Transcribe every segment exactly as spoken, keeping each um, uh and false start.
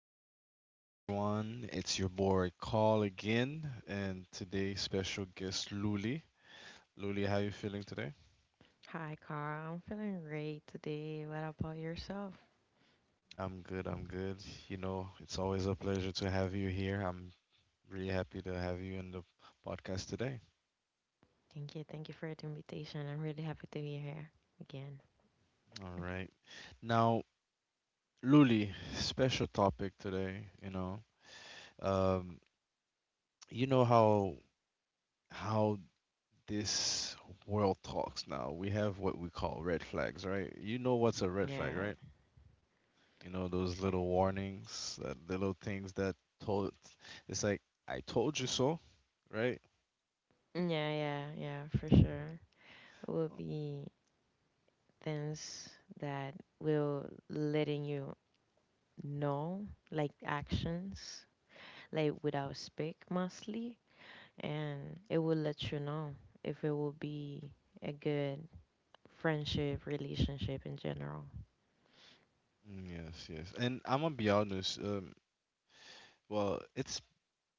evening, everyone. It's your boy Carl again, and today's special guest Luli. Luli, how you feeling today? Hi, Carl. I'm feeling great today. What about yourself? I'm good. I'm good. You know, it's always a pleasure to have you here. I'm really happy to have you in the podcast today. Thank you. Thank you for the invitation. I'm really happy to be here again. All right. Now, Luli, special topic today. You know, um, you know how how this world talks now. We have what we call red flags, right? You know what's a red flag, Yeah. right? You know those little warnings, uh, little things that told. It's like I told you so, right? Yeah, yeah, yeah, for sure. It will be things that will letting you know, like actions, like without speak mostly, and it will let you know if it will be a good friendship, relationship in general. Mm, yes, yes. And I'm gonna be honest. Um, well, it's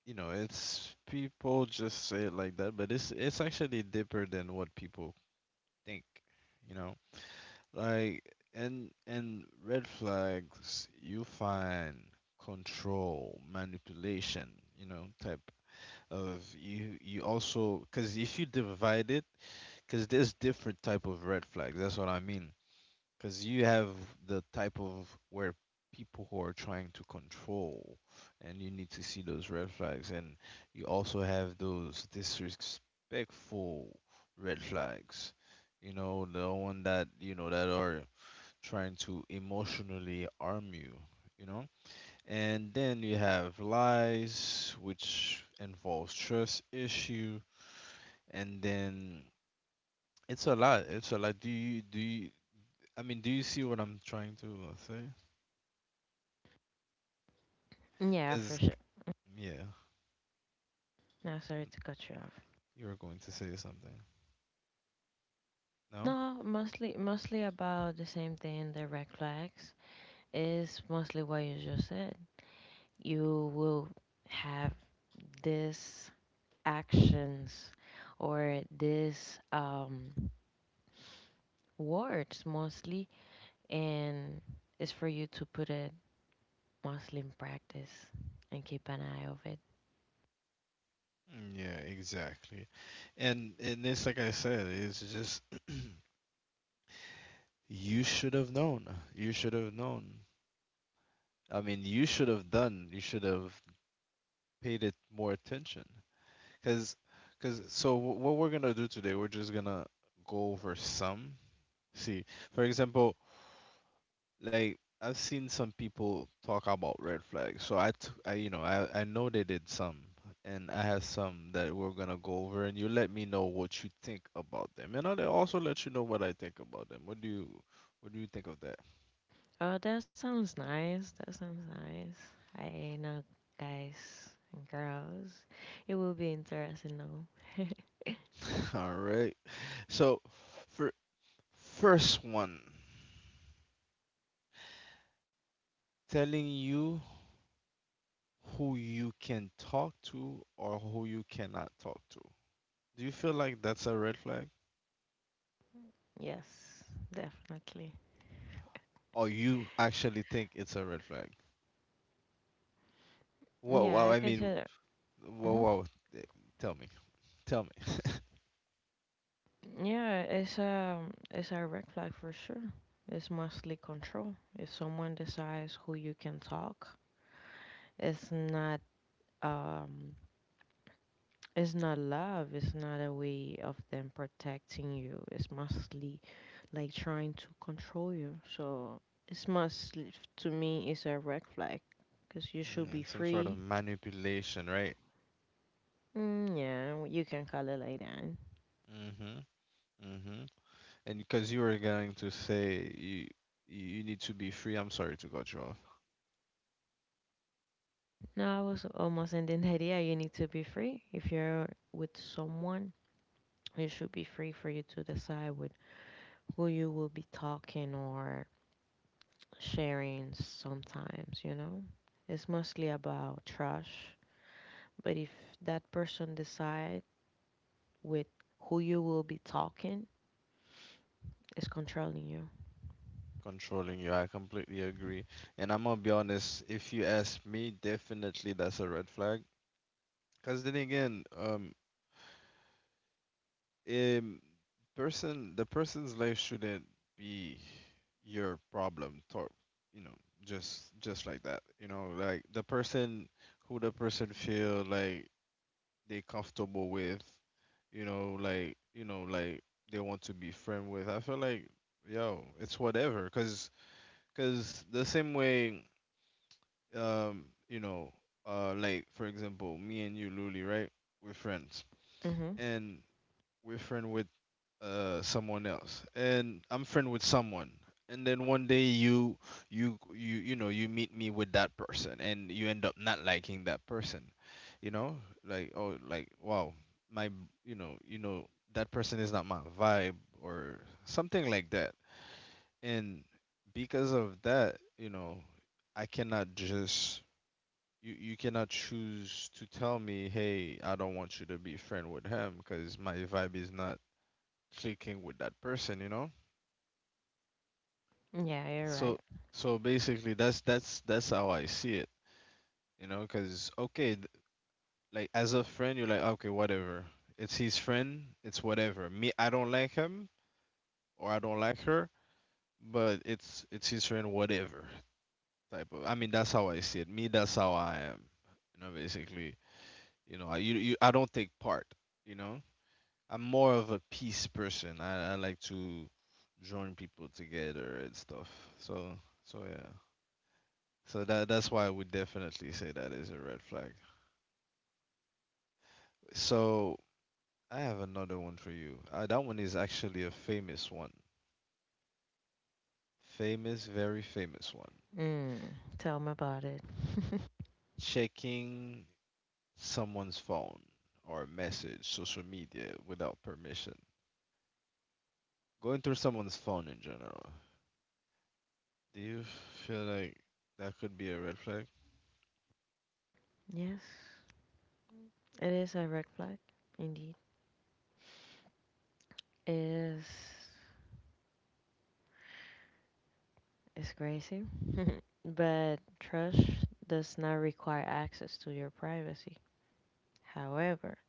you know, it's people just say it like that, but it's it's actually deeper than what people think. You know. Like in in red flags, you find control, manipulation, you know, type of you you also, because if you divide it, because there's different type of red flags. That's what I mean. Because you have the type of where people who are trying to control, and you need to see those red flags, and you also have those disrespectful red flags. You know, the one that you know that are trying to emotionally arm you, you know? And then you have lies, which involves trust issue, and then it's a lot. It's a lot. Do you do you, I mean, do you see what I'm trying to uh, say? Yeah, 'Cause for sure. yeah, Now, sorry to cut you off. you were going to say something. No? No, mostly mostly about the same thing. The red flags is mostly what you just said. You will have these actions or these um, words mostly, and it's for you to put it mostly in practice and keep an eye of it. Mm, yeah, exactly. And and it's like I said, it's just you should have known. You should have known. I mean, you should have done. You should have paid it more attention because because so wh- what we're gonna do today, we're just gonna go over some, see, for example, like I've seen some people talk about red flags, so i, t- I, you know, I, I know they did some, and I have some that we're gonna go over, and you let me know what you think about them, and I'll also let you know what I think about them. What do you what do you think of that? Oh, that sounds nice. That sounds nice. I know, guys and girls, it will be interesting. No. All right, so for first one: telling you who you can talk to or who you cannot talk to. Do you feel like that's a red flag, Yes, definitely. or you actually think it's a red flag? Whoa, Yeah, whoa! I I mean, consider. whoa, Mhm. whoa! eh, Tell me, tell me. Yeah, it's um, it's a red flag for sure. It's mostly control. If someone decides who you can talk, it's not um, it's not love. It's not a way of them protecting you. It's mostly like trying to control you. So it's mostly to me, it's a red flag because you should Yeah, be some sort of free. manipulation, right? Mm, yeah, you can call it like that. Mm-hmm. Mm-hmm. And because you were going to say you you need to be free. I'm sorry to cut you off. No, I was almost in the idea you need to be free. If you're with someone, it should be free for you to decide with who you will be talking or sharing sometimes, you know? It's mostly about trust. But if that person decide with who you will be talking, it's controlling you. Controlling you, I completely agree. And I'm gonna be honest. If you ask me, definitely that's a red flag. Because then again, um, um person, the person's life shouldn't be your problem, tor- you know, just just like that, you know, like the person, who the person feel like they comfortable with, you know, like, you know, like they want to be friend with, I feel like, yo, it's whatever. Because because the same way, um you know, uh like for example, me and you, Luli, right, we're friends, Mm-hmm. and we're friends, uh, someone else, and I'm friend with someone, and then one day you you you you know, you meet me with that person and you end up not liking that person, you know, like, oh, like, wow, my b- you know, you know that person is not my vibe or something like that. And because of that, you know, I cannot just you, you cannot choose to tell me, hey, I don't want you to be friend with him because my vibe is not clicking with that person, you know? Yeah, you're So right. so basically that's that's that's how I see it, you know, cuz okay, th- like as a friend you're like, okay, whatever. It's his friend, it's whatever. Me, I don't like him or I don't like her, but it's it's his friend, whatever type of. I mean, that's how I see it. Me, that's how I am. You know, basically, you know, I you, you, I don't take part, you know? I'm more of a peace person. I I like to join people together and stuff. So so yeah. So that that's why I would definitely say that is a red flag. So I have another one for you. Uh, that one is actually a famous one. Famous, very famous one. Mm, tell me about it. Checking someone's phone or message, social media without permission. Going through someone's phone in general. Do you feel like that could be a red flag? Yes, it is a red flag, indeed. It is. It's crazy. But trust does not require access to your privacy. However,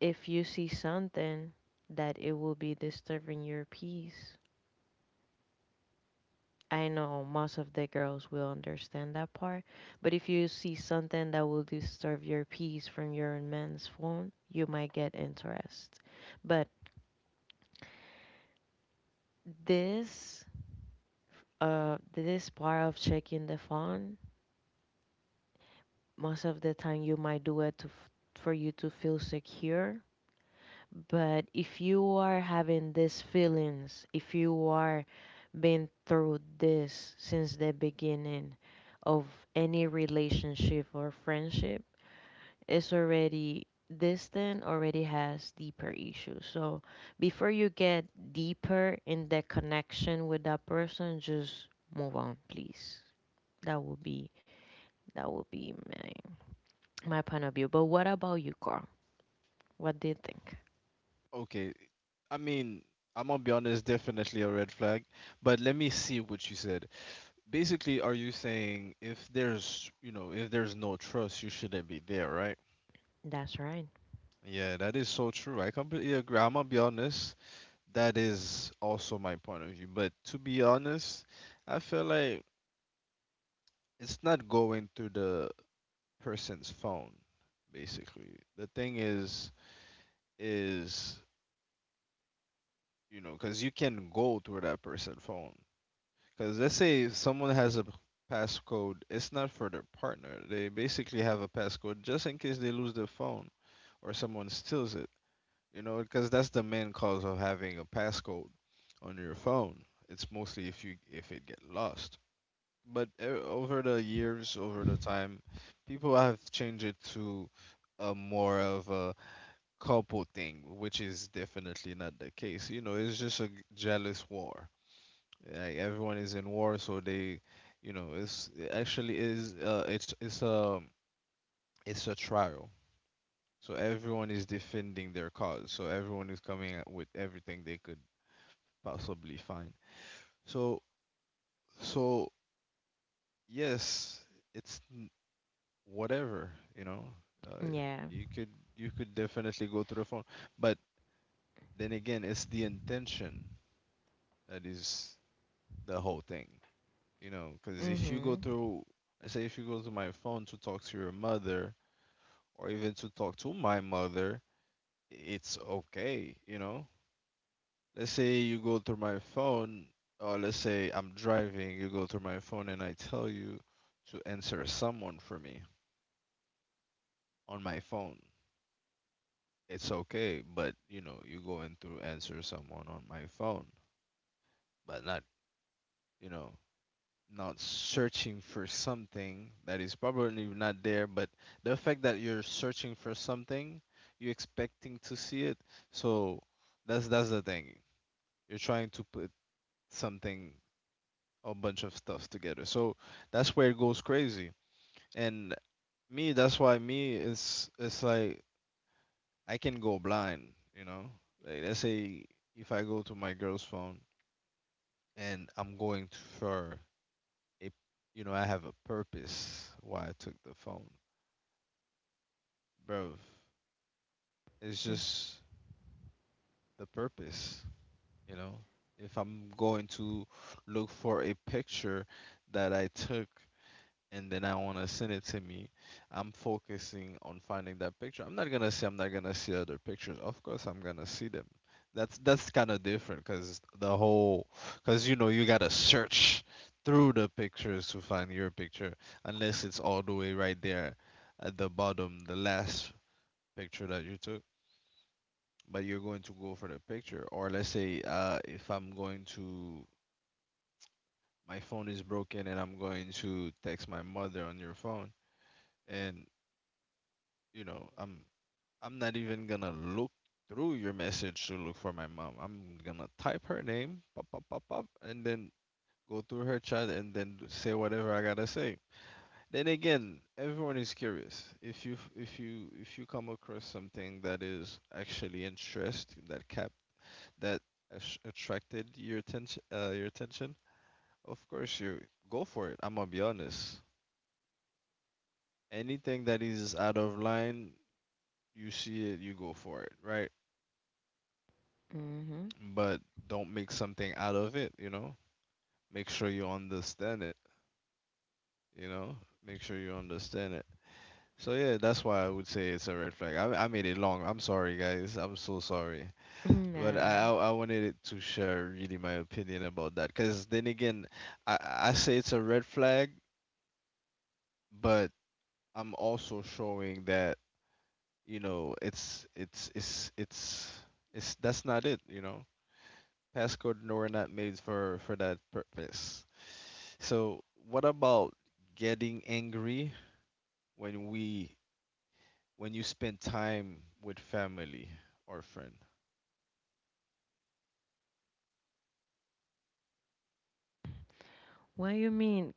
if you see something that it will be disturbing your peace, I know most of the girls will understand that part, but if you see something that will disturb your peace from your man's phone, you might get interest. But this uh this part of checking the phone, most of the time you might do it to f- for you to feel secure. But if you are having these feelings, if you are been through this since the beginning of any relationship or friendship, it's already this thing already has deeper issues. So before you get deeper in the connection with that person, just move on, please. That would be that would be my my point of view. But what about you, Carl? What do you think? Okay. I mean, I'm gonna be honest, definitely a red flag. But let me see what you said. Basically, are you saying if there's, you know, if there's no trust, you shouldn't be there, right? That's right. Yeah, that is so true. I completely agree. I'm gonna be honest. That is also my point of view. But to be honest, I feel like it's not going through the person's phone, basically. The thing is, is, you know, because you can go through that person's phone. Because let's say someone has a passcode, it's not for their partner. They basically have a passcode just in case they lose their phone or someone steals it. You know, because that's the main cause of having a passcode on your phone. It's mostly if you if it get lost. But e- over the years, over the time, people have changed it to a more of a couple thing, which is definitely not the case. You know, it's just a g- jealous war, like everyone is in war, so they, you know, it's it actually is, uh, it's it's a it's a trial. So everyone is defending their cause, so everyone is coming up with everything they could possibly find. So so yes, it's n- whatever, you know, uh, Yeah. you could, you could definitely go through the phone, but then again, it's the intention that is the whole thing, you know, because if you go Mm-hmm. through, I say if you go to my phone to talk to your mother or even to talk to my mother, it's okay, you know? Let's say you go through my phone, or let's say I'm driving, you go through my phone and I tell you to answer someone for me on my phone. It's okay, but you know, you go in through answer someone on my phone, but not, you know, not searching for something that is probably not there, but the fact that you're searching for something, you're expecting to see it. So that's that's the thing. You're trying to put something, a bunch of stuff together. So that's where it goes crazy. And me, that's why me is, it's like I can go blind, you know? Like let's say if I go to my girl's phone and I'm going to, for a, you know, I have a purpose why I took the phone. Bro, it's just the purpose, you know? If I'm going to look for a picture that I took and then I want to send it to me, I'm focusing on finding that picture. I'm not gonna say I'm not gonna see other pictures. Of course, I'm gonna see them. That's that's kind of different because the whole, because, you know, you gotta search through the pictures to find your picture, unless it's all the way right there at the bottom, the last picture that you took. But you're going to go for the picture, or let's say, uh, if I'm going to, my phone is broken and I'm going to text my mother on your phone, and, you know, I'm I'm not even gonna look through your message to look for my mom. I'm gonna type her name, pop, pop, pop, pop, and then go through her chat and then d- say whatever I gotta say. Then again, everyone is curious. If you f- if you if you come across something that is actually interest, that cap, that ash- attracted your attention, uh, your attention, of course you go for it. I'm gonna be honest. Anything that is out of line, you see it, you go for it, right? Mm-hmm. But don't make something out of it, you know? Make sure you understand it, you know? Make sure you understand it. So yeah, that's why I would say it's a red flag. I, I made it long. I'm sorry, guys. I'm so sorry. But Nah. I, I I wanted it to share really my opinion about that. Cause then again, I I say it's a red flag, but I'm also showing that, you know, it's it's it's it's it's that's not it. You know, passcode nor not made for for that purpose. So, what about getting angry when we when you spend time with family or friend? What you mean?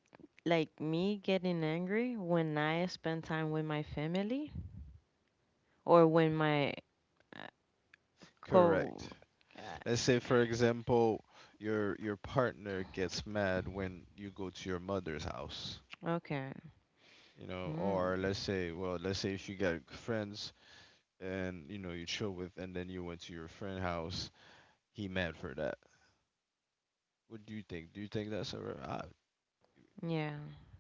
Like me getting angry when I spend time with my family or when my uh, co Correct. Let's say for example, your your partner gets mad when you go to your mother's house, Okay. you know, Hmm. or let's say, well, let's say if you got friends and you know you chill with and then you went to your friend house, he mad for that. What do you think? Do you think that's a red, uh, Yeah.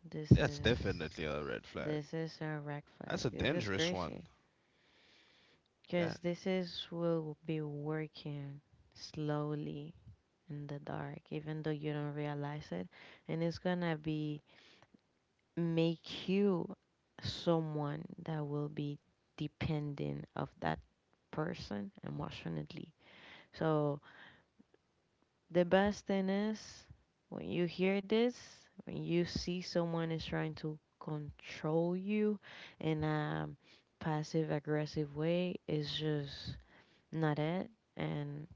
This that's is definitely a red flag. this is a red flag. That's a This is dangerous one. crazy. Yeah. Cause this is will be working slowly in the dark, even though you don't realize it, and it's gonna be make you someone that will be dependent of that person emotionally. So the best thing is when you hear this, when you see someone is trying to control you in a passive aggressive way, it's just not it and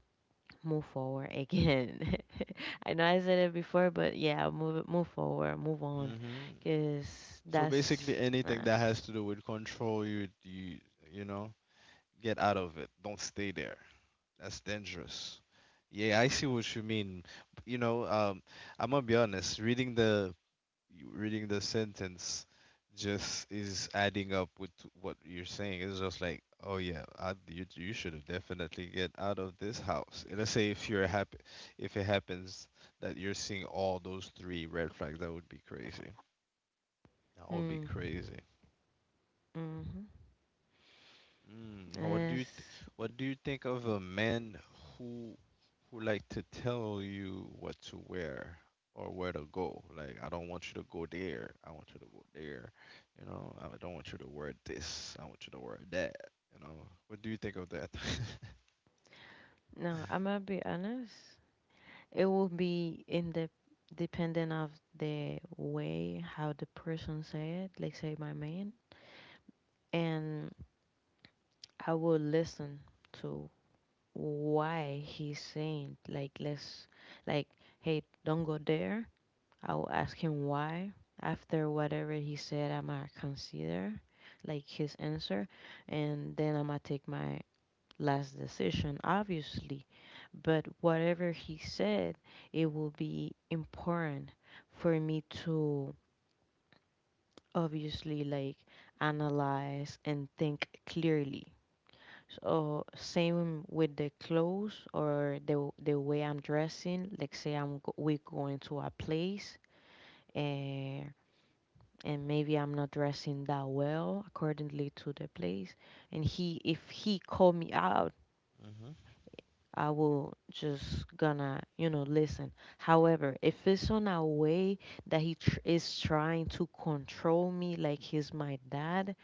move forward again. I know I said it before, but yeah, move move forward, move on, Hmm. cause So basically, that's anything nah. that has to do with control, you you you know, get out of it. Don't stay there. That's dangerous. Yeah, I see what you mean. You know, um, I'm gonna be honest. Reading the reading the sentence just is adding up with what you're saying. It's just like, oh yeah, I, you you should have definitely get out of this house. And let's say if you're happy, if it happens that you're seeing all those three red flags, that would be crazy. That would be Hmm. crazy. Mhm. Mm, what do Yes. you th- what do you think of a man who who like to tell you what to wear or where to go? Like, I don't want you to go there. I want you to go there. You know, I don't want you to wear this. I want you to wear that. You know, what do you think of that? No, I'm gonna be honest. It will be in the dependent of the way how the person say it. Like say my man, and I will listen to why he's saying like let's like hey, don't go there. I will ask him why. After whatever he said, I'm gonna consider like his answer, and then I'm gonna take my last decision, obviously, but whatever he said, it will be important for me to obviously like analyze and think clearly. So same with the clothes or the the way I'm dressing. Like say I'm go- we going to a place and and maybe I'm not dressing that well accordingly to the place. And he if he called me out Hmm. I will just gonna, you know, listen. However, if it's on a way that he tr- is trying to control me like he's my dad,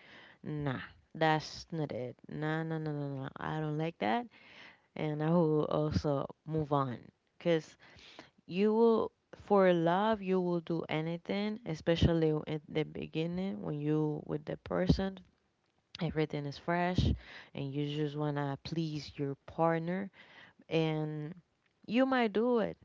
nah, that's not it. Nah, nah, nah, nah, nah. I don't like that. And I will also move on. Because you will, for love, you will do anything, especially at the beginning when you with the person. Everything is fresh and you just want to please your partner and you might do it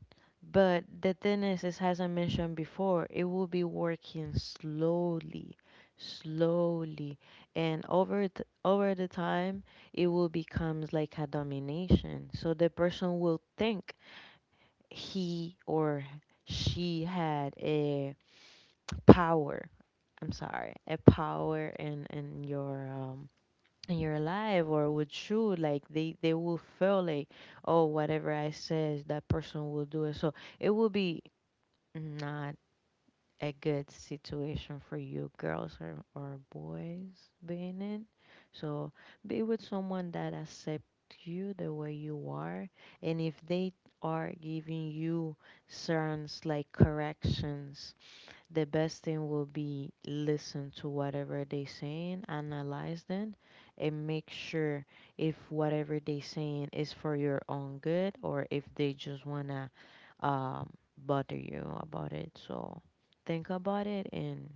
but the thing is, is as I mentioned before it will be working slowly slowly and over th- over the time it will becomes like a domination so the person will think he or she had a power I'm sorry a power in in your um in your life or with you like they they will feel like oh whatever I says that person will do it so it will be not a good situation for you girls or, or boys being in so be with someone that accept you the way you are and if they are giving you certain like corrections the best thing will be listen to whatever they saying, analyze them, and make sure if whatever they saying is for your own good or if they just wanna um, bother you about it. So think about it and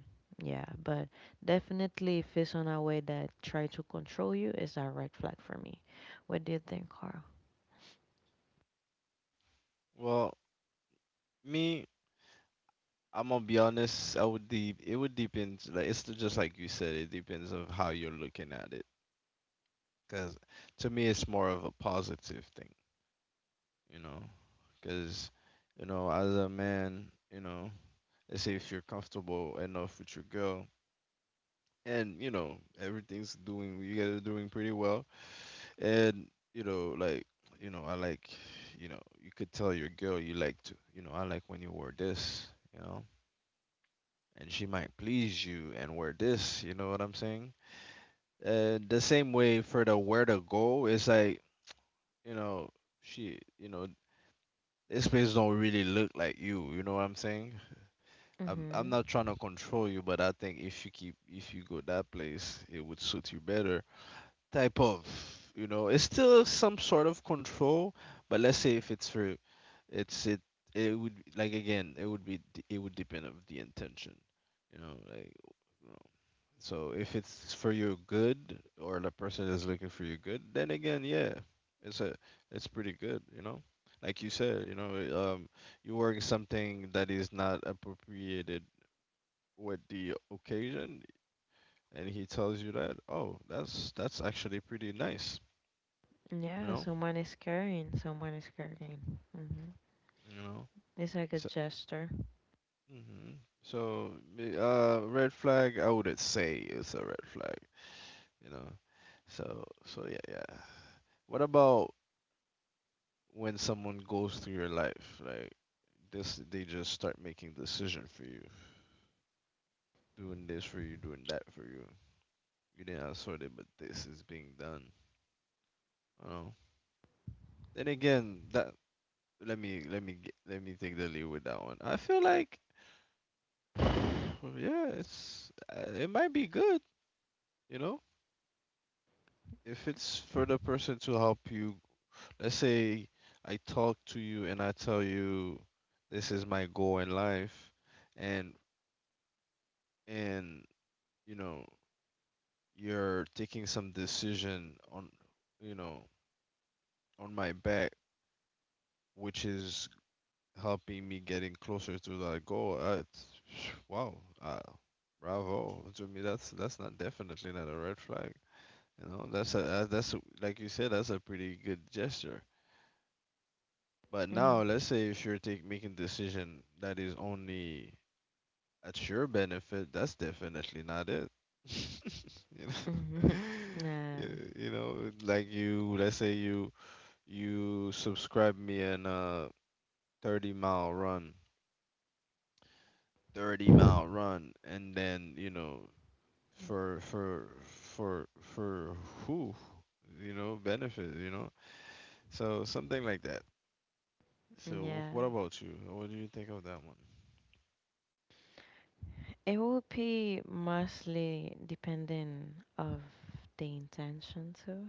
yeah, but definitely if it's on a way that try to control you, it's a red flag for me. What do you think, Carl? Well, me, I'm gonna be honest. I would de- it would depend. Like it's just like you said. It depends of how you're looking at it. Cause to me, it's more of a positive thing. You know, because you know, as a man, you know, let's say if you're comfortable enough with your girl, and you know, everything's doing, you guys are doing pretty well, and you know, like, you know, I like, you know, you could tell your girl you like to, you know, I like when you wear this, you know, and she might please you and wear this, you know what I'm saying? And the same way for the where to go, it's like, you know, she, you know, this place don't really look like you, you know what I'm saying? I'm I'm Mhm. not trying to control you, but I think if you keep if you go that place, it would suit you better. Type of, you know, it's still some sort of control, but let's say if it's for, it's it it would like again, it would be d- it would depend of the intention, you know, like you know. So if it's for your good or the person is looking for your good, then again, yeah, it's a it's pretty good, you know. Like you said, you know, um, you work something that is not appropriated with the occasion and he tells you that oh that's that's actually pretty nice you Yeah, know someone is carrying. Someone is carrying. Mhm. you know It's like a so, gesture. hmm so me- uh red flag I wouldn't say it's a red flag you know so so yeah yeah. What about when someone goes through your life like this they just start making decision for you doing this for you doing that for you you didn't ask for it but this is being done you know then again that let me let me g- let me take the lead with that one. I feel like, yeah, it's uh, it might be good, you know, if it's for the person to help you. Let's say I talk to you and I tell you this is my goal in life, and and you know you're taking some decision on you know on my back, which is helping me getting closer to that goal. Uh, it's- wow, uh, bravo to me. That's that's not definitely not a red flag. You know, that's a uh, that's a, like you said, that's a pretty good gesture. But now, Mhm. let's say if you're take, making decision that is only at your benefit, that's definitely not it. you know, Mhm. Nah, you, you know, like you, let's say you you subscribe me in a thirty mile run thirty mile run and then you know for for for for who you know benefit you know so something like that so yeah. what about you what do you think of that one. It would be mostly depending of the intention too,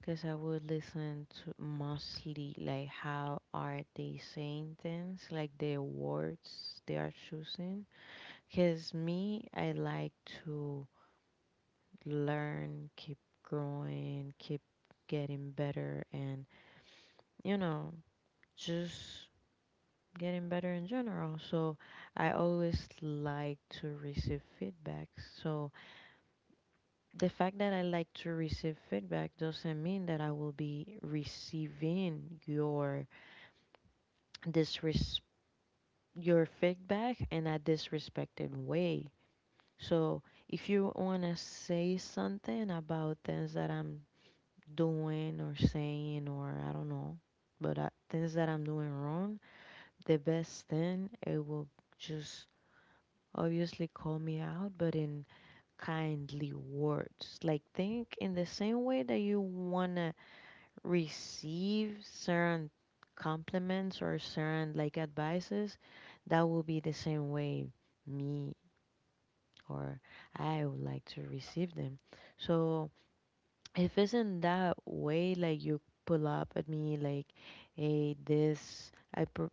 because I would listen to mostly like how are they saying things, like the words they are choosing. Because me, I like to learn, keep growing, keep getting better, and you know, just getting better in general. So I always like to receive feedback. So the fact that I like to receive feedback doesn't mean that I will be receiving your disres- your feedback in a disrespected way. So if you want to say something about things that I'm doing or saying or I don't know, but I, things that I'm doing wrong, the best thing it will just obviously call me out, but in kindly words. Like, think in the same way that you want to receive certain compliments or certain like advices, that will be the same way me or I would like to receive them. So, if it's in that way, like you pull up at me, like, hey, this, I, pr-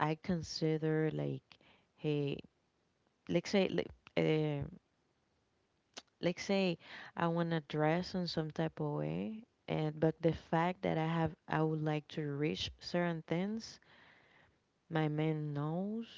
I consider like, hey, like say, like, uh, like say I wanna dress in some type of way and but the fact that I have I would like to reach certain things my man knows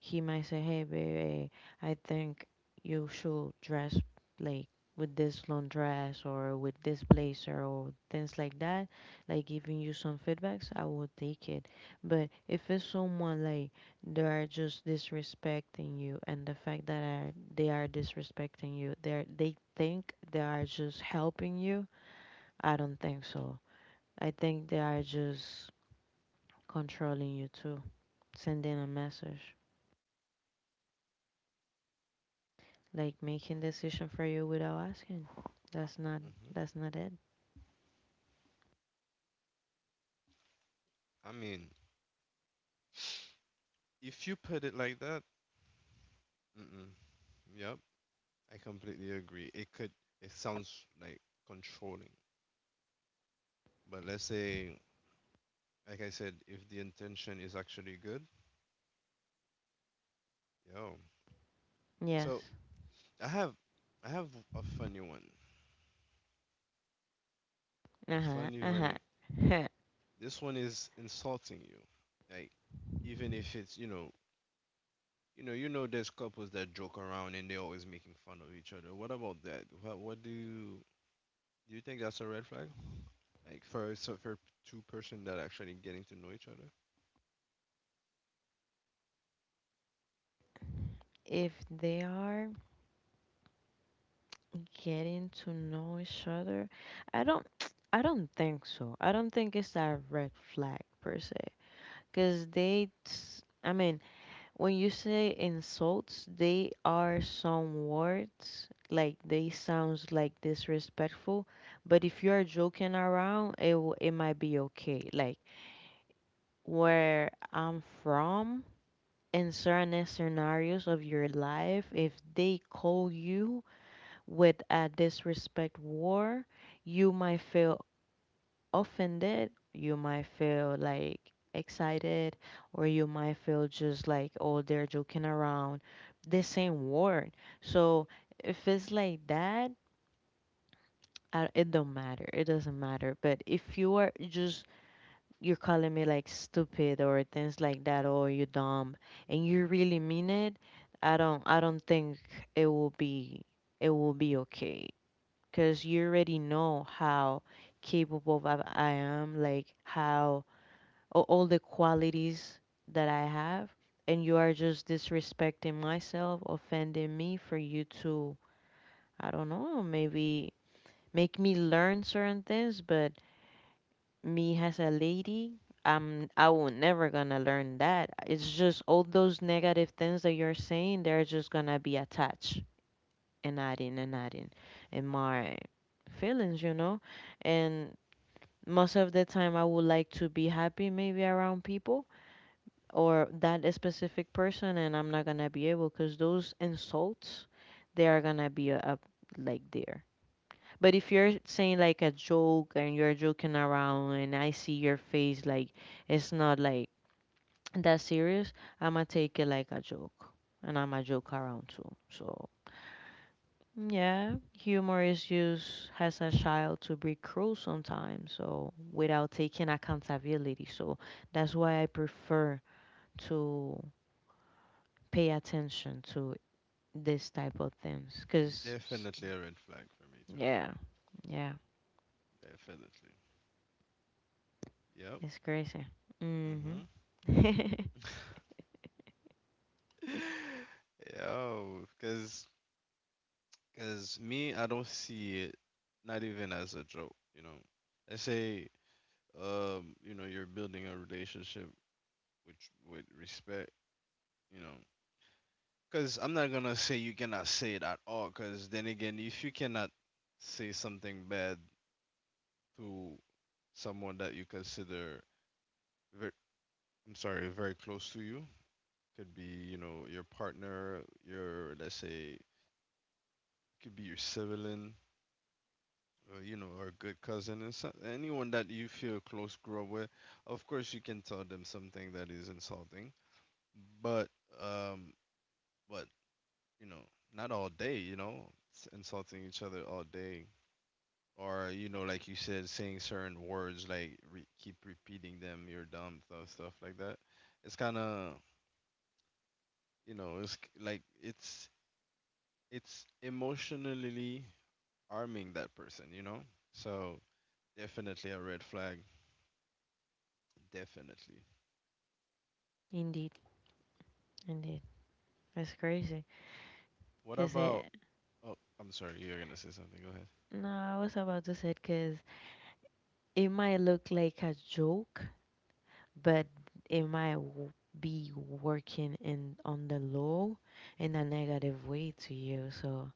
he might say, "Hey, baby, I think you should dress like with this long dress or with this blazer or things like that." Like giving you some feedbacks, I would take it. But if it's someone like they are just disrespecting you, and the fact that are, they are disrespecting you, they they think they are just helping you. I don't think so. I think they are just controlling you too, sending a message. Like making decision for you without asking. That's not Hmm. that's not it. I mean, if you put it like that, mm-mm, yep, I completely agree. It could, it sounds like controlling, but let's say, like I said, if the intention is actually good, yo. Yes. So I have, I have a funny one, a funny, funny this one is insulting you. Like even if it's you know you know you know there's couples that joke around and they're always making fun of each other. What about that? What what do you do you think that's a red flag? Like for so for two person that actually getting to know each other? If they are getting to know each other, I don't I don't think so. I don't think it's a red flag per se cuz they s- I mean, when you say insults, they are some words like they sounds like disrespectful, but if you are joking around, it w- it might be okay. Like where I'm from, in certain scenarios of your life, if they call you with a disrespect word, you might feel offended, you might feel like excited, or you might feel just like, oh, they're joking around. The same word. So if it's like that, I, it don't matter. It doesn't matter. But if you are just you're calling me like stupid or things like that or you dumb and you really mean it i don't I don't think it will be it will be okay because you already know how capable of I am like how a- all the qualities that I have and you are just disrespecting myself offending me for you to I don't know maybe make me learn certain things but me as a lady, um, I will never gonna learn that. It's just all those negative things that you're saying, they're just gonna be attached and adding and adding in my feelings, you know? And most of the time, I would like to be happy maybe around people or that specific person, and I'm not gonna be able because those insults, they are gonna be a up like there. But if you're saying like a joke and you're joking around and I see your face like it's not like that serious, I'ma take it like a joke. And I'm a joke around too. So yeah, humor is used as a child to be cruel sometimes, so without taking accountability. So that's why I prefer to pay attention to this type of things. Cause s- Definitely a red flag for me too. Yeah, yeah, Definitely. Yep. it's crazy. Mhm. Mhm. Yo, because because me, I don't see it not even as a joke. You know, I say, um, you know, you're building a relationship with with respect, you know. Because I'm not gonna say you cannot say it at all. Because then again, if you cannot say something bad to someone that you consider, very, I'm sorry, very close to you, could be you know your partner, your let's say, could be your sibling, or you know, or a good cousin, and so, anyone that you feel close grow up with. Of course, you can tell them something that is insulting, but um, but you know, not all day, you know, s- insulting each other all day. Or, you know, like you said, saying certain words, like re- keep repeating them, you're dumb, stuff, stuff like that. It's kind of, you know, it's k- like it's it's emotionally arming that person, you know? So definitely a red flag. Definitely. Indeed. Indeed. That's crazy. What Cause about, it, oh, I'm sorry, you're going to say something. Go ahead. no, I was about to say because it might look like a joke, but it might w- be working in on the low in a negative way to you. So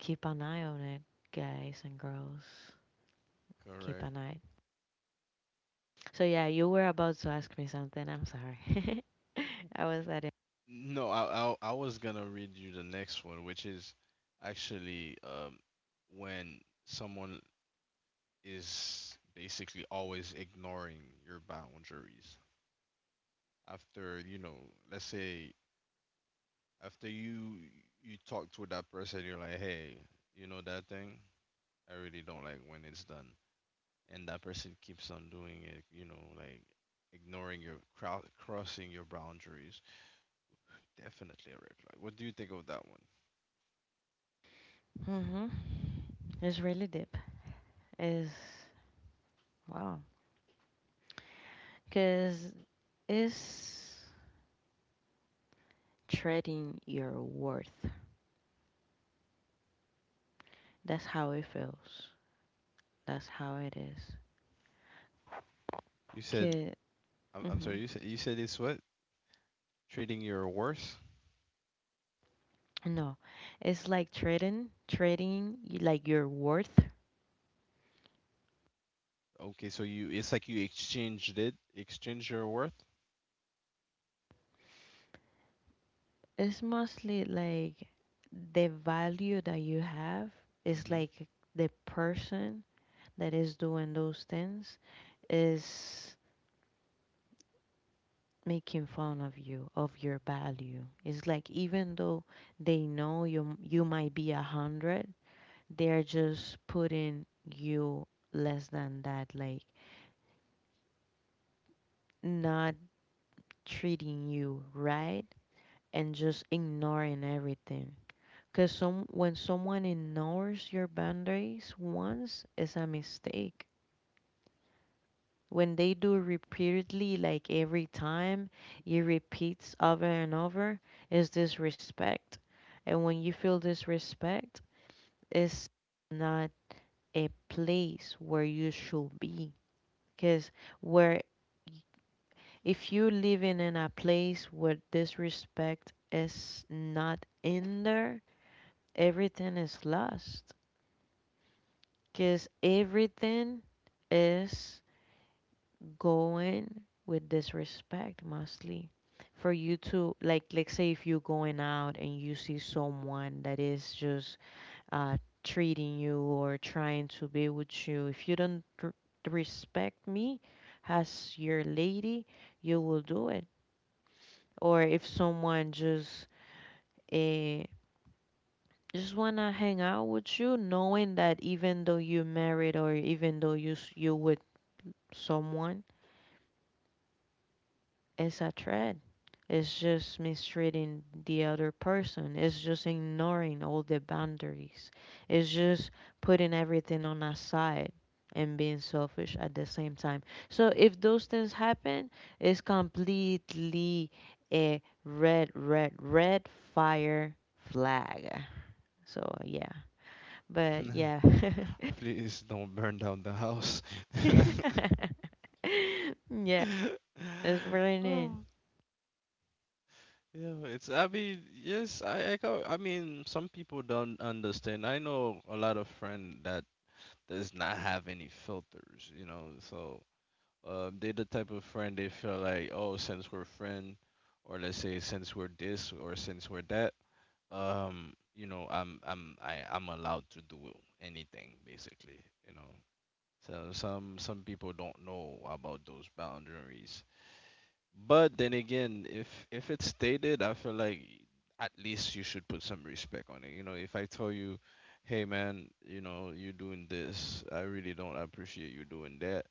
keep an eye on it, guys and girls. Keep Correct. an eye. So yeah, you were about to ask me something. I'm sorry. I was at it. No, I, I I was gonna read you the next one, which is actually um when someone is basically always ignoring your boundaries. After, you know, let's say after you you talked with that person, you're like, hey, you know that thing? I really don't like when it's done. And that person keeps on doing it, you know, like ignoring your crowd, crossing your boundaries. Definitely a red flag. What do you think of that one? Mhm. It's really deep. It's wow. Cause it's treading your worth. That's how it feels. That's how it is. You said Kid, I'm, I'm sorry. mhm. You said you said it's what? Trading your worth. No, it's like trading. Trading, y- like your worth. Okay, so you it's like you exchanged it, exchange your worth. It's mostly like the value that you have. It's Mm-hmm. like the person that is doing those things is making fun of you, of your value. It's like even though they know you you might be a hundred, they're just putting you less than that. Like not treating you right and just ignoring everything. Because some, when someone ignores your boundaries once, it's a mistake. When they do repeatedly, like every time, it repeats over and over, is disrespect. And when you feel disrespect, it's not a place where you should be. Because where If you living in a place where disrespect is not in there, everything is lost. Because everything is going with disrespect mostly. For you to like like say, if you're going out and you see someone that is just uh treating you or trying to be with you, if you don't r- respect me as your lady, you will do it. Or if someone just eh, just wanna hang out with you, knowing that even though you're married or even though you s- you with someone, it's a threat. It's just mistreating the other person. It's just ignoring all the boundaries. It's just putting everything on a side and being selfish at the same time. So if those things happen, it's completely a red, red, red fire flag. So uh, yeah, but yeah, Please don't burn down the house. yeah, it's raining. Oh, yeah, it's, I mean, yes, I, I, go- I mean, some people don't understand. I know a lot of friend that does not have any filters, you know, so uh, they're the type of friend they feel like, oh, since we're friend, or let's say since we're this, or since we're that, um you know i'm i'm I, i'm allowed to do anything basically you know so some some people don't know about those boundaries but then again if if it's stated I feel like at least you should put some respect on it you know if I tell you hey man you know you doing this I really don't appreciate you doing that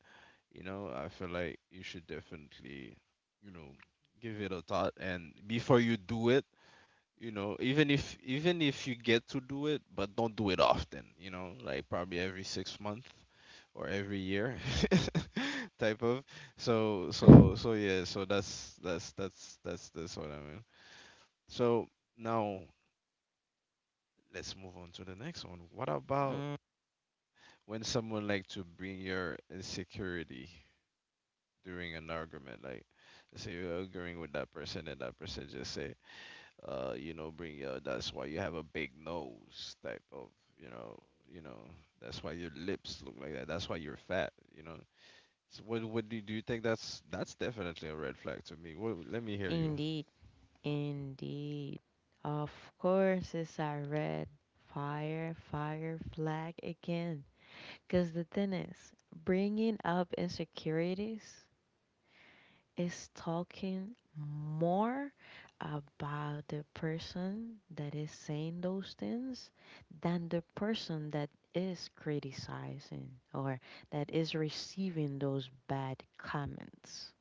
you know I feel like you should definitely you know give it a thought and before you do it you know even if even if you get to do it but don't do it often you know like probably every six months or every year type of so so so yeah so that's that's that's that's that's what I mean so now let's move on to the next one what about Mm. when someone like to bring your insecurity during an argument like let's say you're arguing with that person and that person just say uh you know bring uh that's why you have a big nose type of you know you know that's why your lips look like that that's why you're fat you know so what what do you, do you think that's that's definitely a red flag to me what, let me hear you. Indeed, indeed. Of course, it's a red fire, fire flag again. Because the thing is, bringing up insecurities is talking more about the person that is saying those things than the person that is criticizing or that is receiving those bad comments.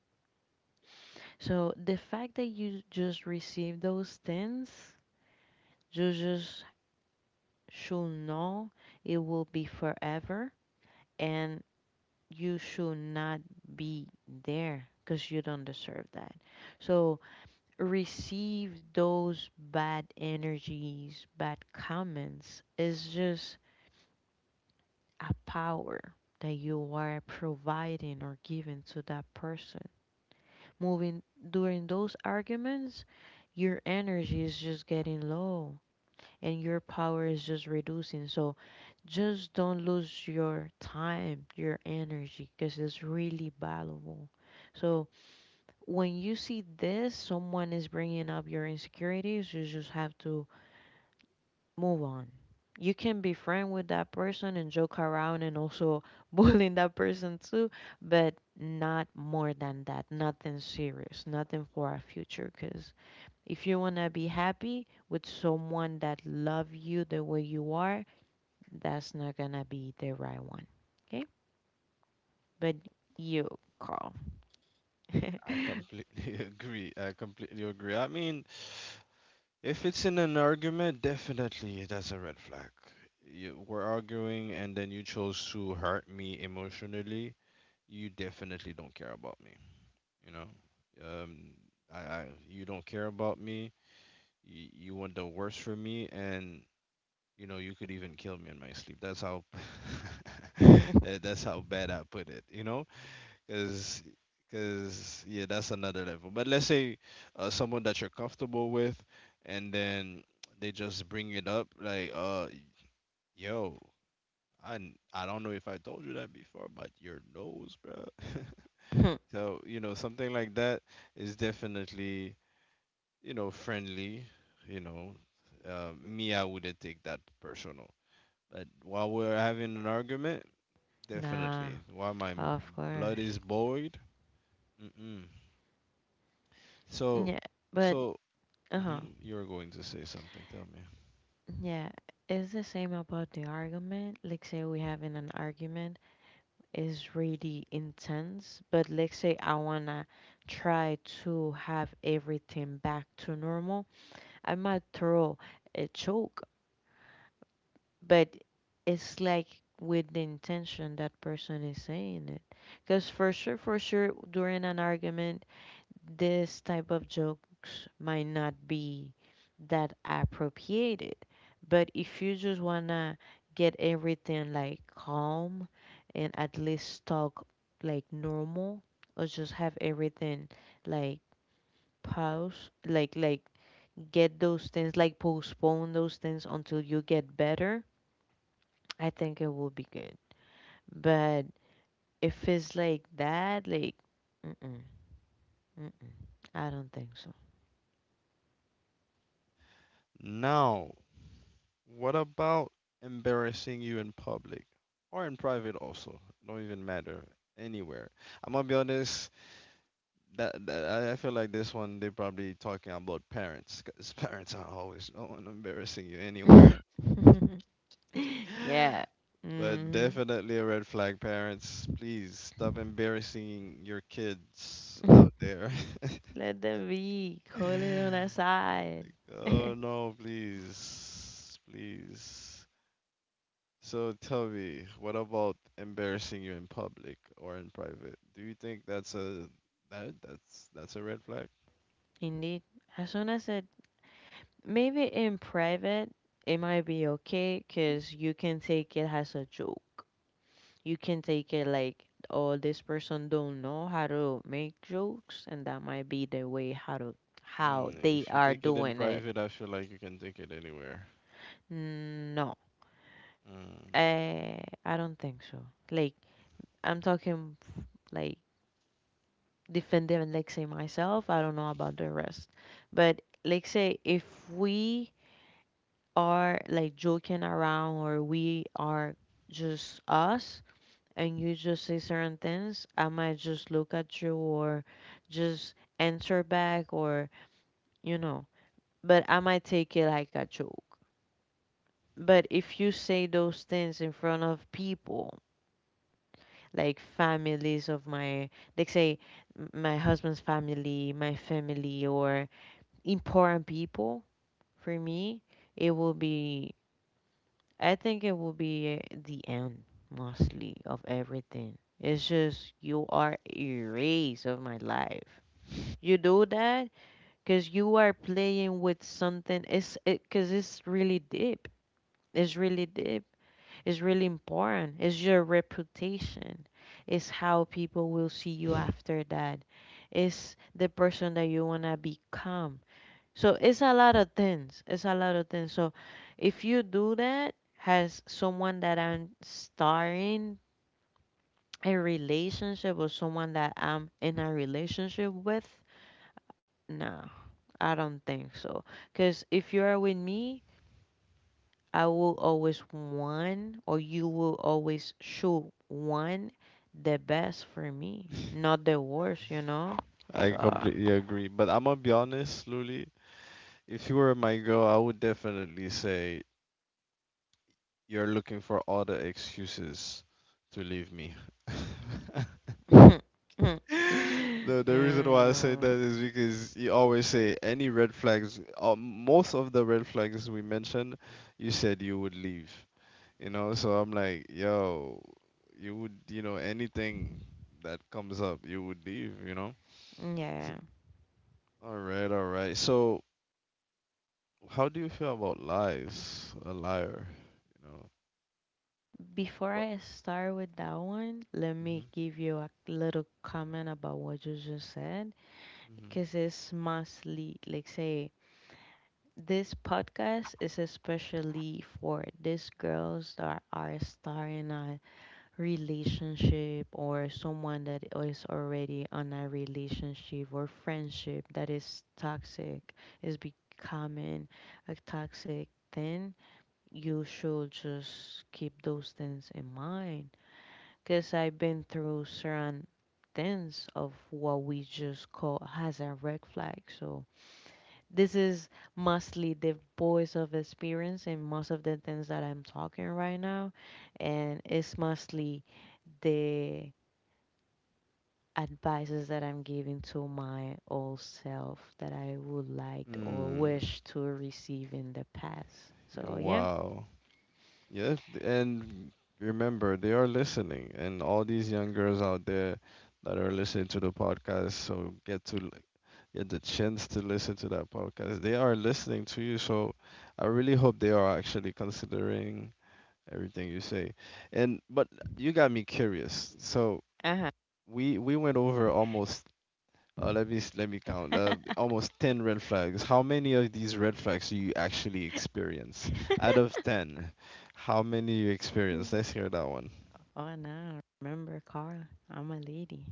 So the fact that you just receive those things, you just should know it will be forever, and you should not be there because you don't deserve that. So receive those bad energies, bad comments is just a power that you are providing or giving to that person. Moving during those arguments, your energy is just getting low and your power is just reducing. So just don't lose your time, your energy, because it's really valuable. So when you see this, someone is bringing up your insecurities, you just have to move on. You can be friend with that person and joke around and also bullying that person too, but not more than that. Nothing serious, nothing for our future. Because if you wanna be happy with someone that love you the way you are, that's not gonna be the right one. Okay? But you, Carl. Mm, I completely agree. I completely agree. I mean, if it's in an argument, definitely that's a red flag. You, we're arguing, and then you chose to hurt me emotionally. You definitely don't care about me. You know, um, I, I you don't care about me. You, you want the worst for me, and you know you could even kill me in my sleep. That's how that, that's how bad I put it. You know, because because yeah, that's another level. But let's say uh, someone that you're comfortable with, and then they just bring it up like, uh, yo, I n- I don't know if I told you that before, but your nose, bro. So, you know, something like that is definitely you know, friendly, you know, uh, me, I wouldn't take that personal. But while we're having an argument, Nah, definitely. While my of course. blood is boiled, mm-mm. So, Yeah, but so uh huh. mhm, you're going to say something. Tell me. Yeah, it's the same about the argument. Like, say we having an argument is really intense, but let's say I wanna try to have everything back to normal. I might throw a joke, but it's like with the intention that person is saying it. Because for sure, for sure, during an argument, this type of jokes might not be that appropriated. But if you just wanna get everything like calm and at least talk like normal, or just have everything like pause, like like get those things like postpone those things until you get better, I think it will be good. But if it's like that, like mm-mm, mm-mm, I don't think so. Now, what about embarrassing you in public or in private also? Don't even matter. Anywhere. I'm gonna be honest. That, that I I feel like this one they're probably talking about parents because parents are always the one embarrassing you anywhere. Yeah. But Mhm. definitely a red flag, parents. Please stop embarrassing your kids out there. Let them be. Call it on the side. Oh no, please, please. So tell me, what about embarrassing you in public or in private? Do you think that's a that that's that's a red flag? Indeed. As soon as it, maybe in private, it might be okay because you can take it as a joke. You can take it like, oh, this person don't know how to make jokes, and that might be the way how to how Mm, they if you are take it in doing it. private, I feel like you can take it anywhere. No, Mm. I I don't think so. Like I'm talking like Defend defending, like say myself. I don't know about the rest, but like say if we are like joking around or we are just us and you just say certain things, I might just look at you or just answer back, or you know, but I might take it like a joke. But if you say those things in front of people, like families of my, like say m- my husband's family, my family, or important people for me, it will be I think it will be the end mostly of everything. It's just you are erased of my life. You do that because you are playing with something. It's because it's really deep. It's really deep. It's really important. It's your reputation. It's how people will see you after that. It's the person that you want to become. So it's a lot of things. It's a lot of things. So if you do that, has someone that I'm starting a relationship, or someone that I'm in a relationship with, no, I don't think so. Because if you are with me, I will always want, or you will always show one, the best for me, not the worst, you know? So, I completely agree. But I'm gonna be honest, Luli. If you were my girl, I would definitely say you're looking for all the excuses to leave me. mm, The the reason why I say that is because you always say any red flags, uh, most of the red flags we mentioned, you said you would leave. You know, so I'm like, yo, you would, you know, anything that comes up, you would leave, you know? So, yeah. all right, all right. So, how do you feel about lies? A liar, you know? Before What? I start with that one, let Mhm. me give you a little comment about what you just said, Mhm. because it's mostly, like, say, this podcast is especially for these girls that are starting a relationship or someone that is already on a relationship or friendship that is toxic, is becoming a toxic thing. You should just keep those things in mind because I've been through certain things of what we just call has a red flag. So this is mostly the voice of experience and most of the things that I'm talking right now, and it's mostly the advices that I'm giving to my old self that I would like or Mm. wish to receive in the past. Yeah. So yeah. Wow. Yeah, and remember, they are listening, and all these young girls out there that are listening to the podcast, so get to get the chance to listen to that podcast. They are listening to you, so I really hope they are actually considering everything you say. And but you got me curious. So Uh huh. we we went over almost uh, let me s- let me count uh, almost ten red flags. How many of these red flags do you actually experience? Out of ten, how many you experience? Let's hear that one. Oh no, remember Carla? I'm a lady.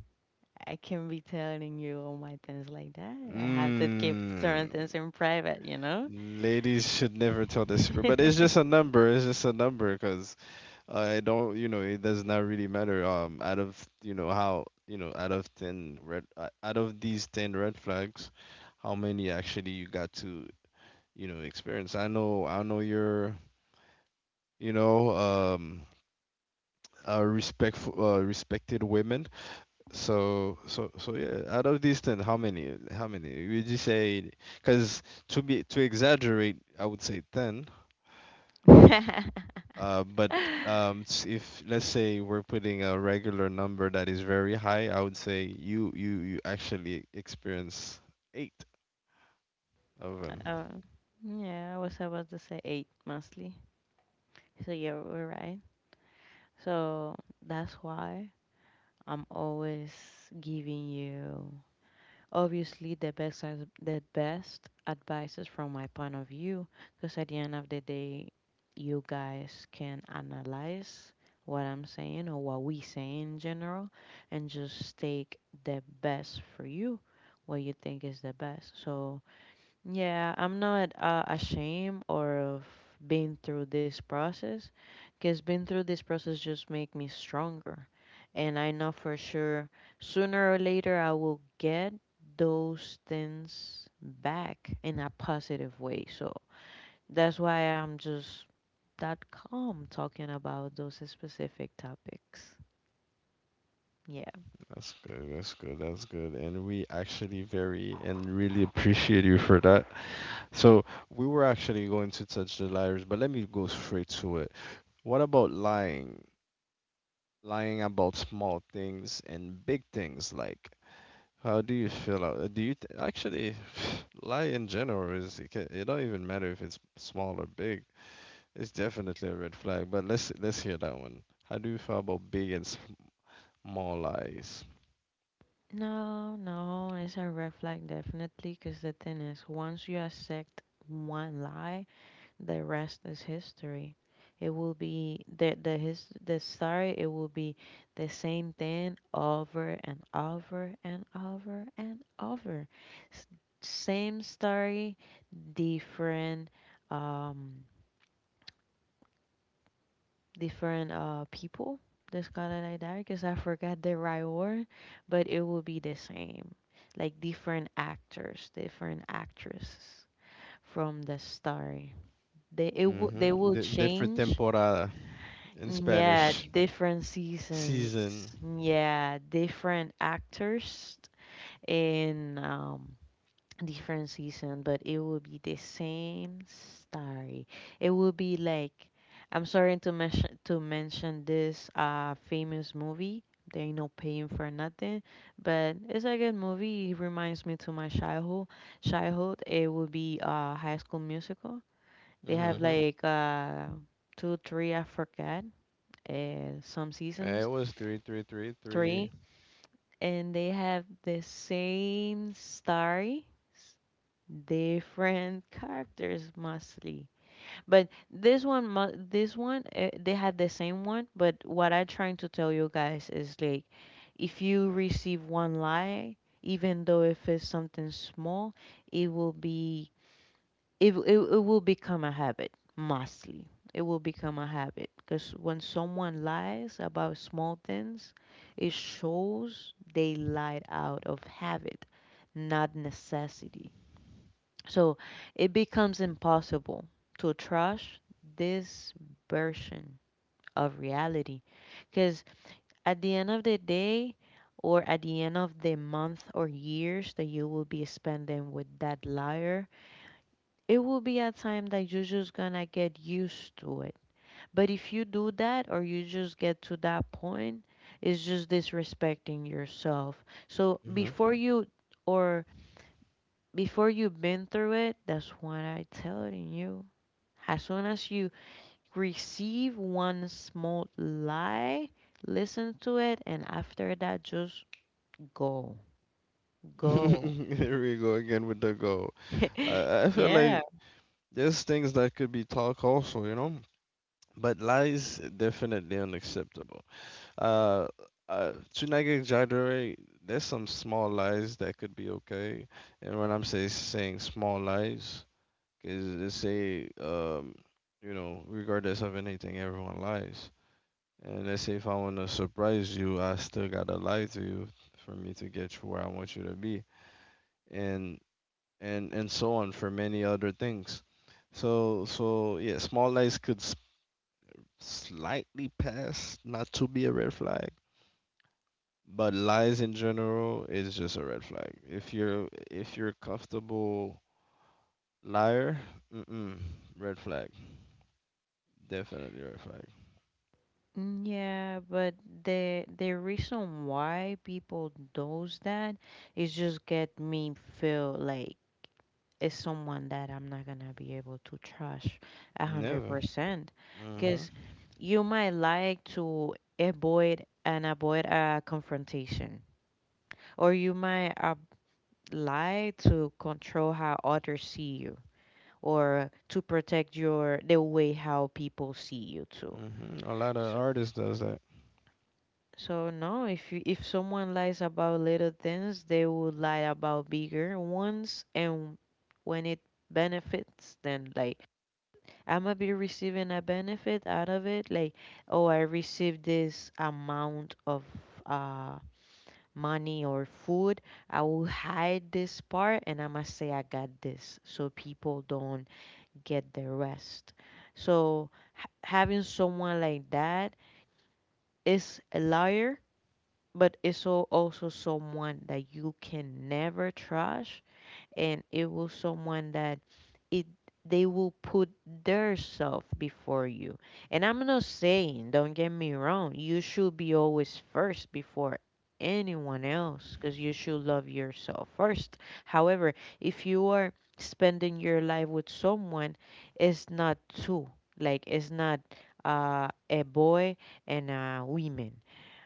I can't be telling you all my things like that. I have to keep Mm, certain things in private, you know? ladies should never tell the secret, but it's just a number. It's just a number because I don't, you know, it does not really matter. Um, out of you know how you know out of ten red uh, out of these ten red flags, how many actually you got to, you know, experience? I know, I know you're, you know, um a respectful uh, respected women. So so so yeah, out of these ten, how many? How many? Would you say? Because to be to exaggerate, I would say ten. Uh, but um, s- if let's say we're putting a regular number that is very high, I would say you you you actually experience eight of them. Um, yeah, I was about to say eight mostly. So yeah, we're right. So that's why I'm always giving you. Obviously, the best ad- the best advice is from my point of view, because at the end of the day, you guys can analyze what I'm saying or what we say in general, and just take the best for you, what you think is the best. So yeah, I'm not uh, ashamed or of being through this process, because being through this process just make me stronger, and I know for sure sooner or later I will get those things back in a positive way. So that's why I'm just that calm talking about those specific topics. Yeah. That's good. That's good. That's good. And we actually very and really appreciate you for that. So we were actually going to touch the liars, but let me go straight to it. What about lying? Lying about small things and big things like, how do you feel? a- Do you th actually lie in general is it, ca- it don't even matter if it's small or big. It's definitely a red flag. But let's let's hear that one. How do you feel about big and small lies? No, no, it's a red flag definitely, because the thing is, once you accept one lie, the rest is history. It will be the the his the, sorry. It will be the same thing over and over and over and over. S- Same story, different um different uh people. Just call it like that because I forgot the right word, but it will be the same. Like different actors, different actresses from the story. They it will they Mm-hmm. will D Different change. temporada in Mm, yeah, Spanish. different seasons. Season. Yeah, different actors in um different season, but it will be the same story. It will be like I'm sorry to mention to mention this uh famous movie. They ain't no paying for nothing, but it's a good movie. It reminds me to my childhood. Childhood. It will be uh High School Musical. They have Mm-hmm. like uh two, three, I forget, uh, some It seasons, was three, three, three, three, three. and they have the same story, s- different characters mostly. But this one, mu- this one, uh, they had the same one. But what I'm trying to tell you guys is like, if you receive one lie, even though if it's something small, it will be it, w- it, it will become a habit mostly. It will become a habit because when someone lies about small things, it shows they lied out of habit, not necessity. So it becomes impossible to trust this version of reality, because at the end of the day, or at the end of the month or years that you will be spending with that liar, it will be a time that you're just gonna get used to it. But if you do that or you just get to that point, it's just disrespecting yourself. So Mm-hmm. before you or before you've been through it, that's what I telling you. As soon as you receive one small lie, listen to it and after that just go. Go. Here we go again with the go. I, I feel Yeah. like there's things that could be talk also, you know? But lies definitely unacceptable. Uh, uh, to not exaggerate, there's some small lies that could be okay. And when I'm say, saying small lies, because let's say, um, you know, regardless of anything, everyone lies. And let's say if I want to surprise you, I still gotta lie to you for me to get you where I want you to be, and and and so on for many other things. So so yeah, small lies could s- slightly past not to be a red flag, but lies in general is just a red flag. If you're if you're a comfortable liar, mm-mm, red flag, definitely red flag. Mm, Yeah, but the the reason why people does that is just get me feel like it's someone that I'm not gonna be able to trust a hundred Never. percent. Mhm. Cause you might like to avoid and avoid a confrontation, or you might uh, like to control how others see you, or to protect your the way how people see you too. Mhm. A lot of artists does that. So no, if you, if someone lies about little things, they will lie about bigger ones, and when it benefits, then like I'm gonna be receiving a benefit out of it, like oh I received this amount of uh money or food, I will hide this part and I'm gonna say I got this, so people don't get the rest. So ha having someone like that is a liar but it's al- also someone that you can never trust and it will someone that it they will put their self before you and I'm not saying don't get me wrong you should be always first before anyone else because you should love yourself first however if you are spending your life with someone it's not two like it's not uh, a boy and a woman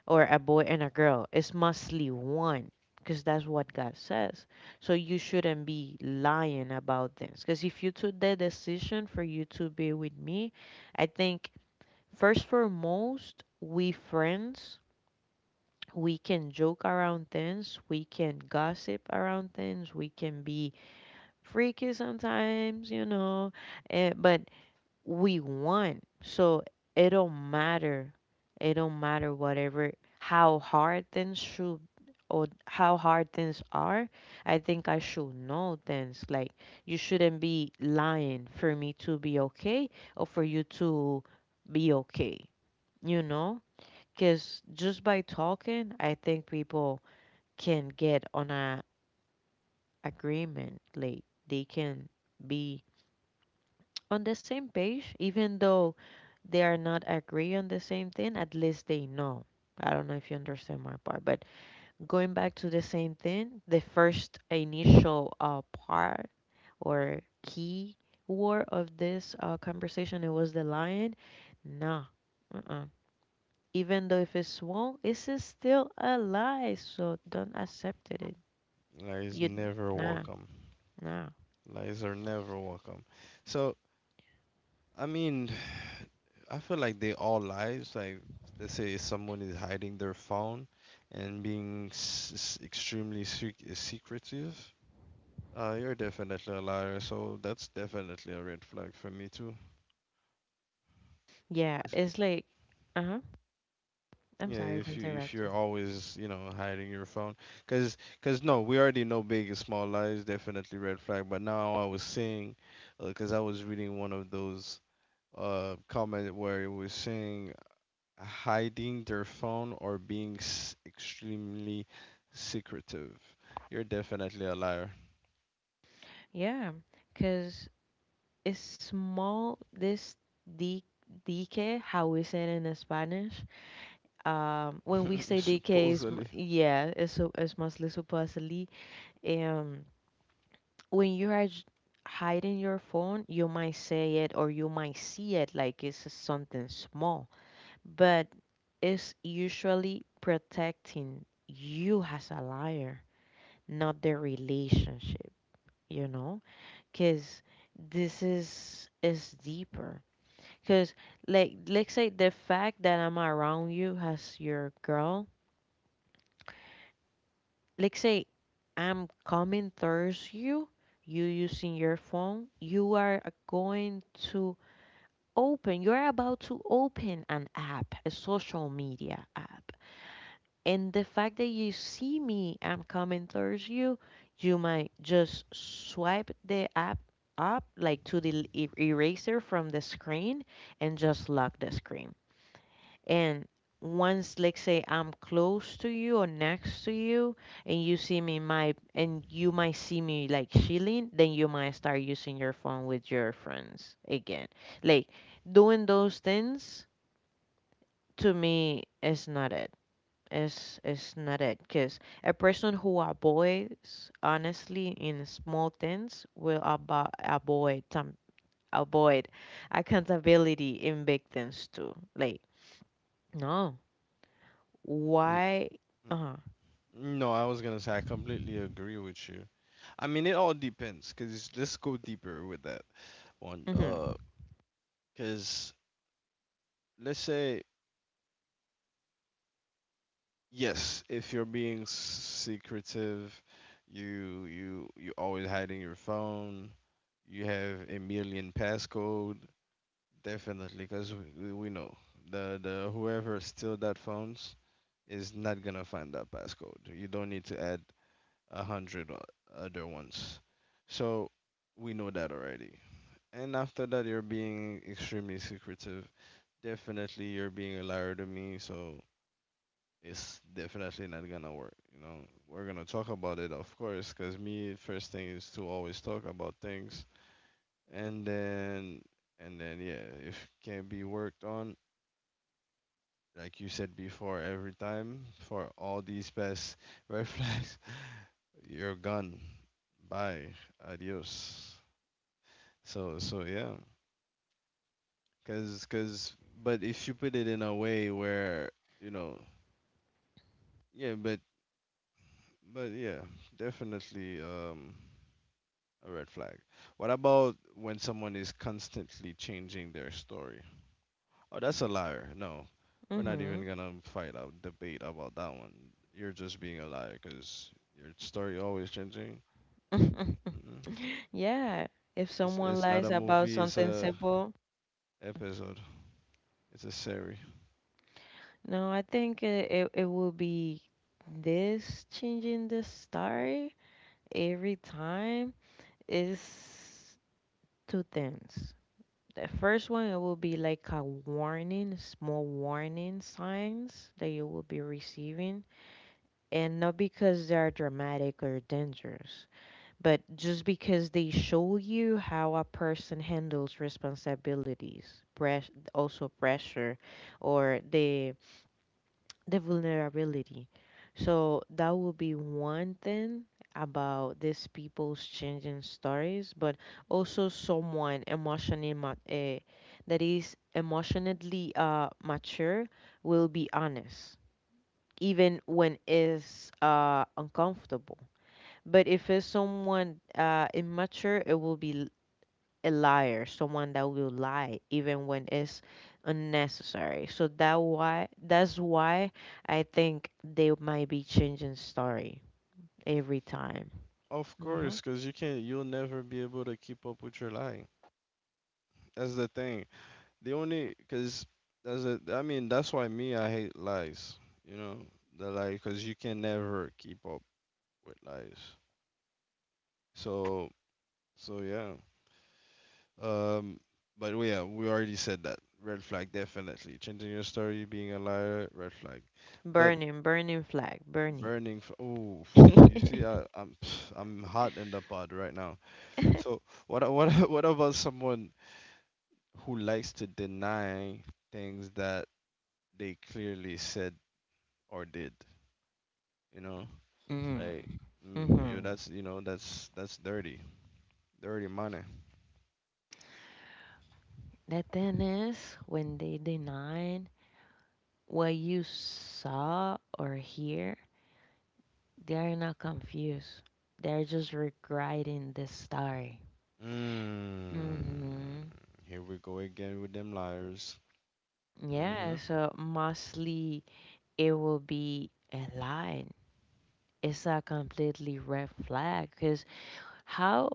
or a boy and a girl. It's mostly one because that's what God says. So you shouldn't be lying about this. Because if you took the decision for you to be with me, I think first foremost, we friends, we can joke around things, we can gossip around things, we can be freaky sometimes, you know, And but we want. So it don't matter. It don't matter whatever how hard things should or how hard things are. I think I should know things. Like you shouldn't be lying for me to be okay or for you to be okay. You know? Because just by talking, I think people can get on a agreement. Like they can be on the same page, even though they are not agree on the same thing, at least they know. I don't know if you understand my part, but going back to the same thing, the first initial uh, part or key word of this uh, conversation, it was the lion. Nah, uh-uh. Even though if it's small, it's a still a lie, so don't accept it. Lies You, never nah, welcome. nah. Lies are never welcome. So I mean, I feel like they all lies. Like let's say someone is hiding their phone and being s- s- extremely sec- secretive. Uh, you're definitely a liar. So that's definitely a red flag for me too. Yeah, If- it's like, uh-huh. I'm Yeah, sorry to if you if interrupt you. you're always, you know, hiding your phone, cause cause no, we already know big and small lies definitely red flag. But now I was seeing, uh 'cause cause I was reading one of those uh comment where it was saying hiding their phone or being s- extremely secretive. You're definitely a liar. Yeah, because Is small this D, DK, how we say it in Spanish. Um, when we say D K is m- Supposedly. yeah, es, es más le supo. Um, when you are j- hiding your phone, you might say it or you might see it like it's something small, but it's usually protecting you as a liar, not the relationship. You know, because this is is deeper. Because, like, let's say the fact that I'm around you as your girl, let's say I'm coming towards you, you using your phone, you are going to open, you're about to open an app, a social media app. And the fact that you see me, I'm coming towards you, you might just swipe the app up, like to the l- e- eraser from the screen, and just lock the screen. And once, let's say, I'm close to you or next to you, and you see me my and you might see me like chilling, then you might start using your phone with your friends again. Like doing those things to me is not it. It's it's not it. Cause a person who avoids honestly in small things will abo- avoid some avoid accountability in big things too. Like no Y- Why uh-huh. No, I was gonna say I completely agree with you. I mean, it all depends. Cause let's go deeper with that one. Mhm. Uh, cause let's say yes, if you're being s- secretive, you you you always hiding your phone. You have a million passcode. Definitely, because we, we know the the whoever steal that phones is not gonna find that passcode. You don't need to add a hundred o- other ones. So we know that already. And after that, you're being extremely secretive. Definitely, you're being a liar to me. So it's definitely not gonna work. You know, we're gonna talk about it, of course, because me first thing is to always talk about things, and then and then yeah, if can't be worked on, like you said before, every time for all these best red flags, you're gone. Bye. Adios. So so yeah, cause cause but if you put it in a way where, you know, yeah, but but yeah, definitely um a red flag. What about when someone is constantly changing their story? Oh, that's a liar. No, we're not Mhm. even gonna fight out debate about that one. You're just being a liar because your story always changing. Mm-mm. Yeah, if It's someone it's not lies a about movie. It's something a simple, episode. It's a series. no, I think it, it, it will be this changing the story every time is two things. The first one, it will be like a warning, small warning signs that you will be receiving, and not because they are dramatic or dangerous, but just because they show you how a person handles responsibilities, press, also pressure, or the the vulnerability. So that would be one thing about these people's changing stories, but also someone emotionally ma- eh, that is emotionally uh, mature will be honest, even when it's uh, uncomfortable but if it's someone uh, immature, it will be l- a liar, someone that will lie even when it's unnecessary. So that why that's why I think they might be changing story every time. Of Hmm. course, cause you can't. You'll never be able to keep up with your lying. That's the thing. The only cause that's a, I mean that's why me I hate lies. You know the lie cause you can never keep up with lies. So so yeah. Um. But we yeah we already said that red flag definitely changing your story being a liar red flag. But Burning, burning flag, burning. burning. F oh, you see, I, I'm I'm hot in the pot right now. So what a- what a- what about someone who likes to deny things that they clearly said or did? You know, Mm. like mm, you Mm-hmm. that's you know that's that's dirty, dirty money. The thing is, when they deny what you saw or hear, they're not confused. They're just regretting the story. Mm, Mm-hmm. here we go again with them liars. Yeah, Mm-hmm. so mostly it will be a lie. It's a completely red flag because how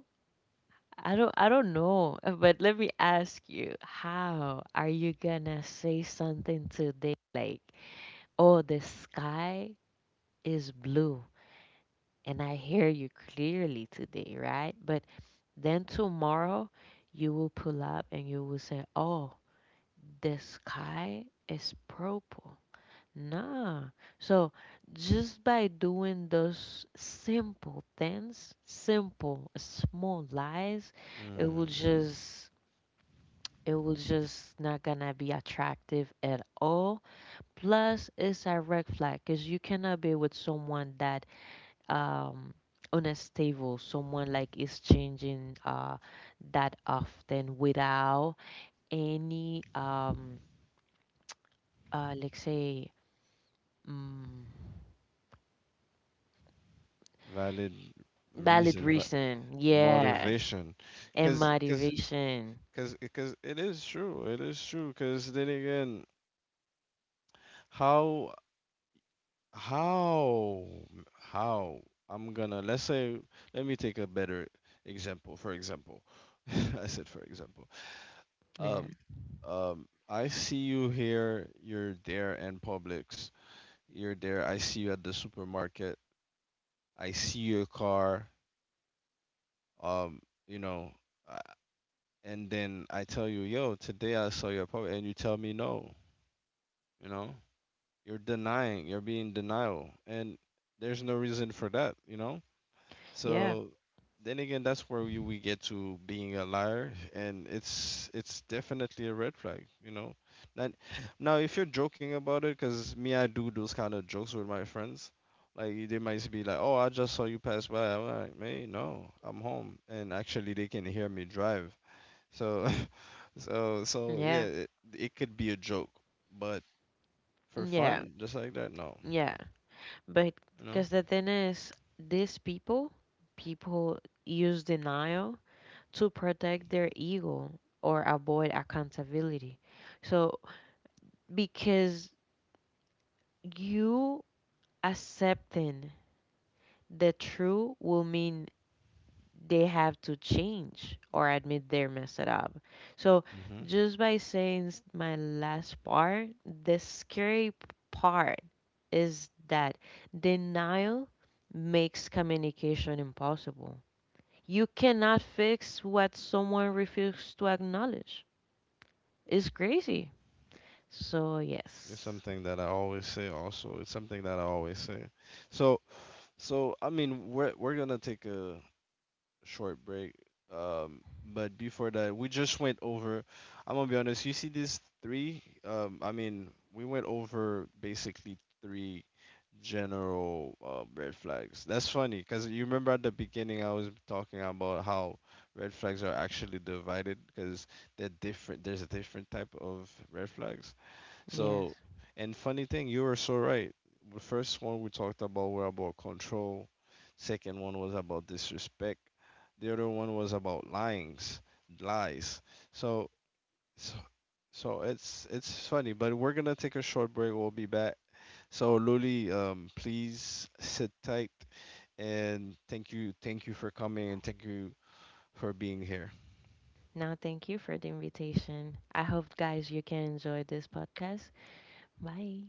I don't I don't know, but let me ask you, how are you gonna say something today like, "Oh, the sky is blue," and I hear you clearly today, right? But then tomorrow you will pull up and you will say, "Oh, the sky is purple." Nah. So just by doing those simple things, simple small lies, it Mm. will just it will just not gonna be attractive at all. Plus, it's a red flag because you cannot be with someone that um unstable, someone like is changing uh that often without any um uh let's say mm, Valid valid reason, va reason yeah motivation. and Cause, cause, motivation Cause, cause it is true. It is true. Cause then again, how, how, how I'm gonna let's say let me take a better example. For example, I said for example. yeah Um, um, I see you here. You're there in Publix. You're there. I see you at the supermarket. I see your car. Um, you know, uh, and then I tell you, yo, today I saw your Publix, and you tell me no. You know. You're denying, you're being denial, and there's no reason for that, you know? yeah So then again, that's where we, we get to being a liar, and it's it's definitely a red flag, you know? Now, now if you're joking about it, because me, I do those kind of jokes with my friends. Like they might be like, "Oh, I just saw you pass by." I'm like, "Man, no, I'm home." And actually, they can hear me drive. So, so, so yeah yeah, it, it could be a joke, but for yeah fun, just like that, no. yeah but You know? because the thing is these people people use denial to protect their ego or avoid accountability so because you accepting the truth will mean they have to change or admit they're messed up. So Hmm. just by saying s- my last part, the scary part is that denial makes communication impossible. You cannot fix what someone refuses to acknowledge. It's crazy. So It's yes. something that I always say also. It's something that I always say. So so I mean we're we're gonna take a short break. Um but before that we just went over, I'm gonna be honest, you see these three? Um I mean we went over basically three general uh, red flags. That's funny because you remember at the beginning I was talking about how red flags are actually divided because they're different. There's a different type of red flags. Yes. So, and funny thing, you were so right. The first one we talked about were about control. Second one was about disrespect. The other one was about lyings, lies. So, so, so it's it's funny, but we're gonna take a short break. We'll be back. So, Luli, um, please sit tight, and thank you, thank you for coming, and thank you for being here. Now thank you for the invitation. I hope guys you can enjoy this podcast. Bye.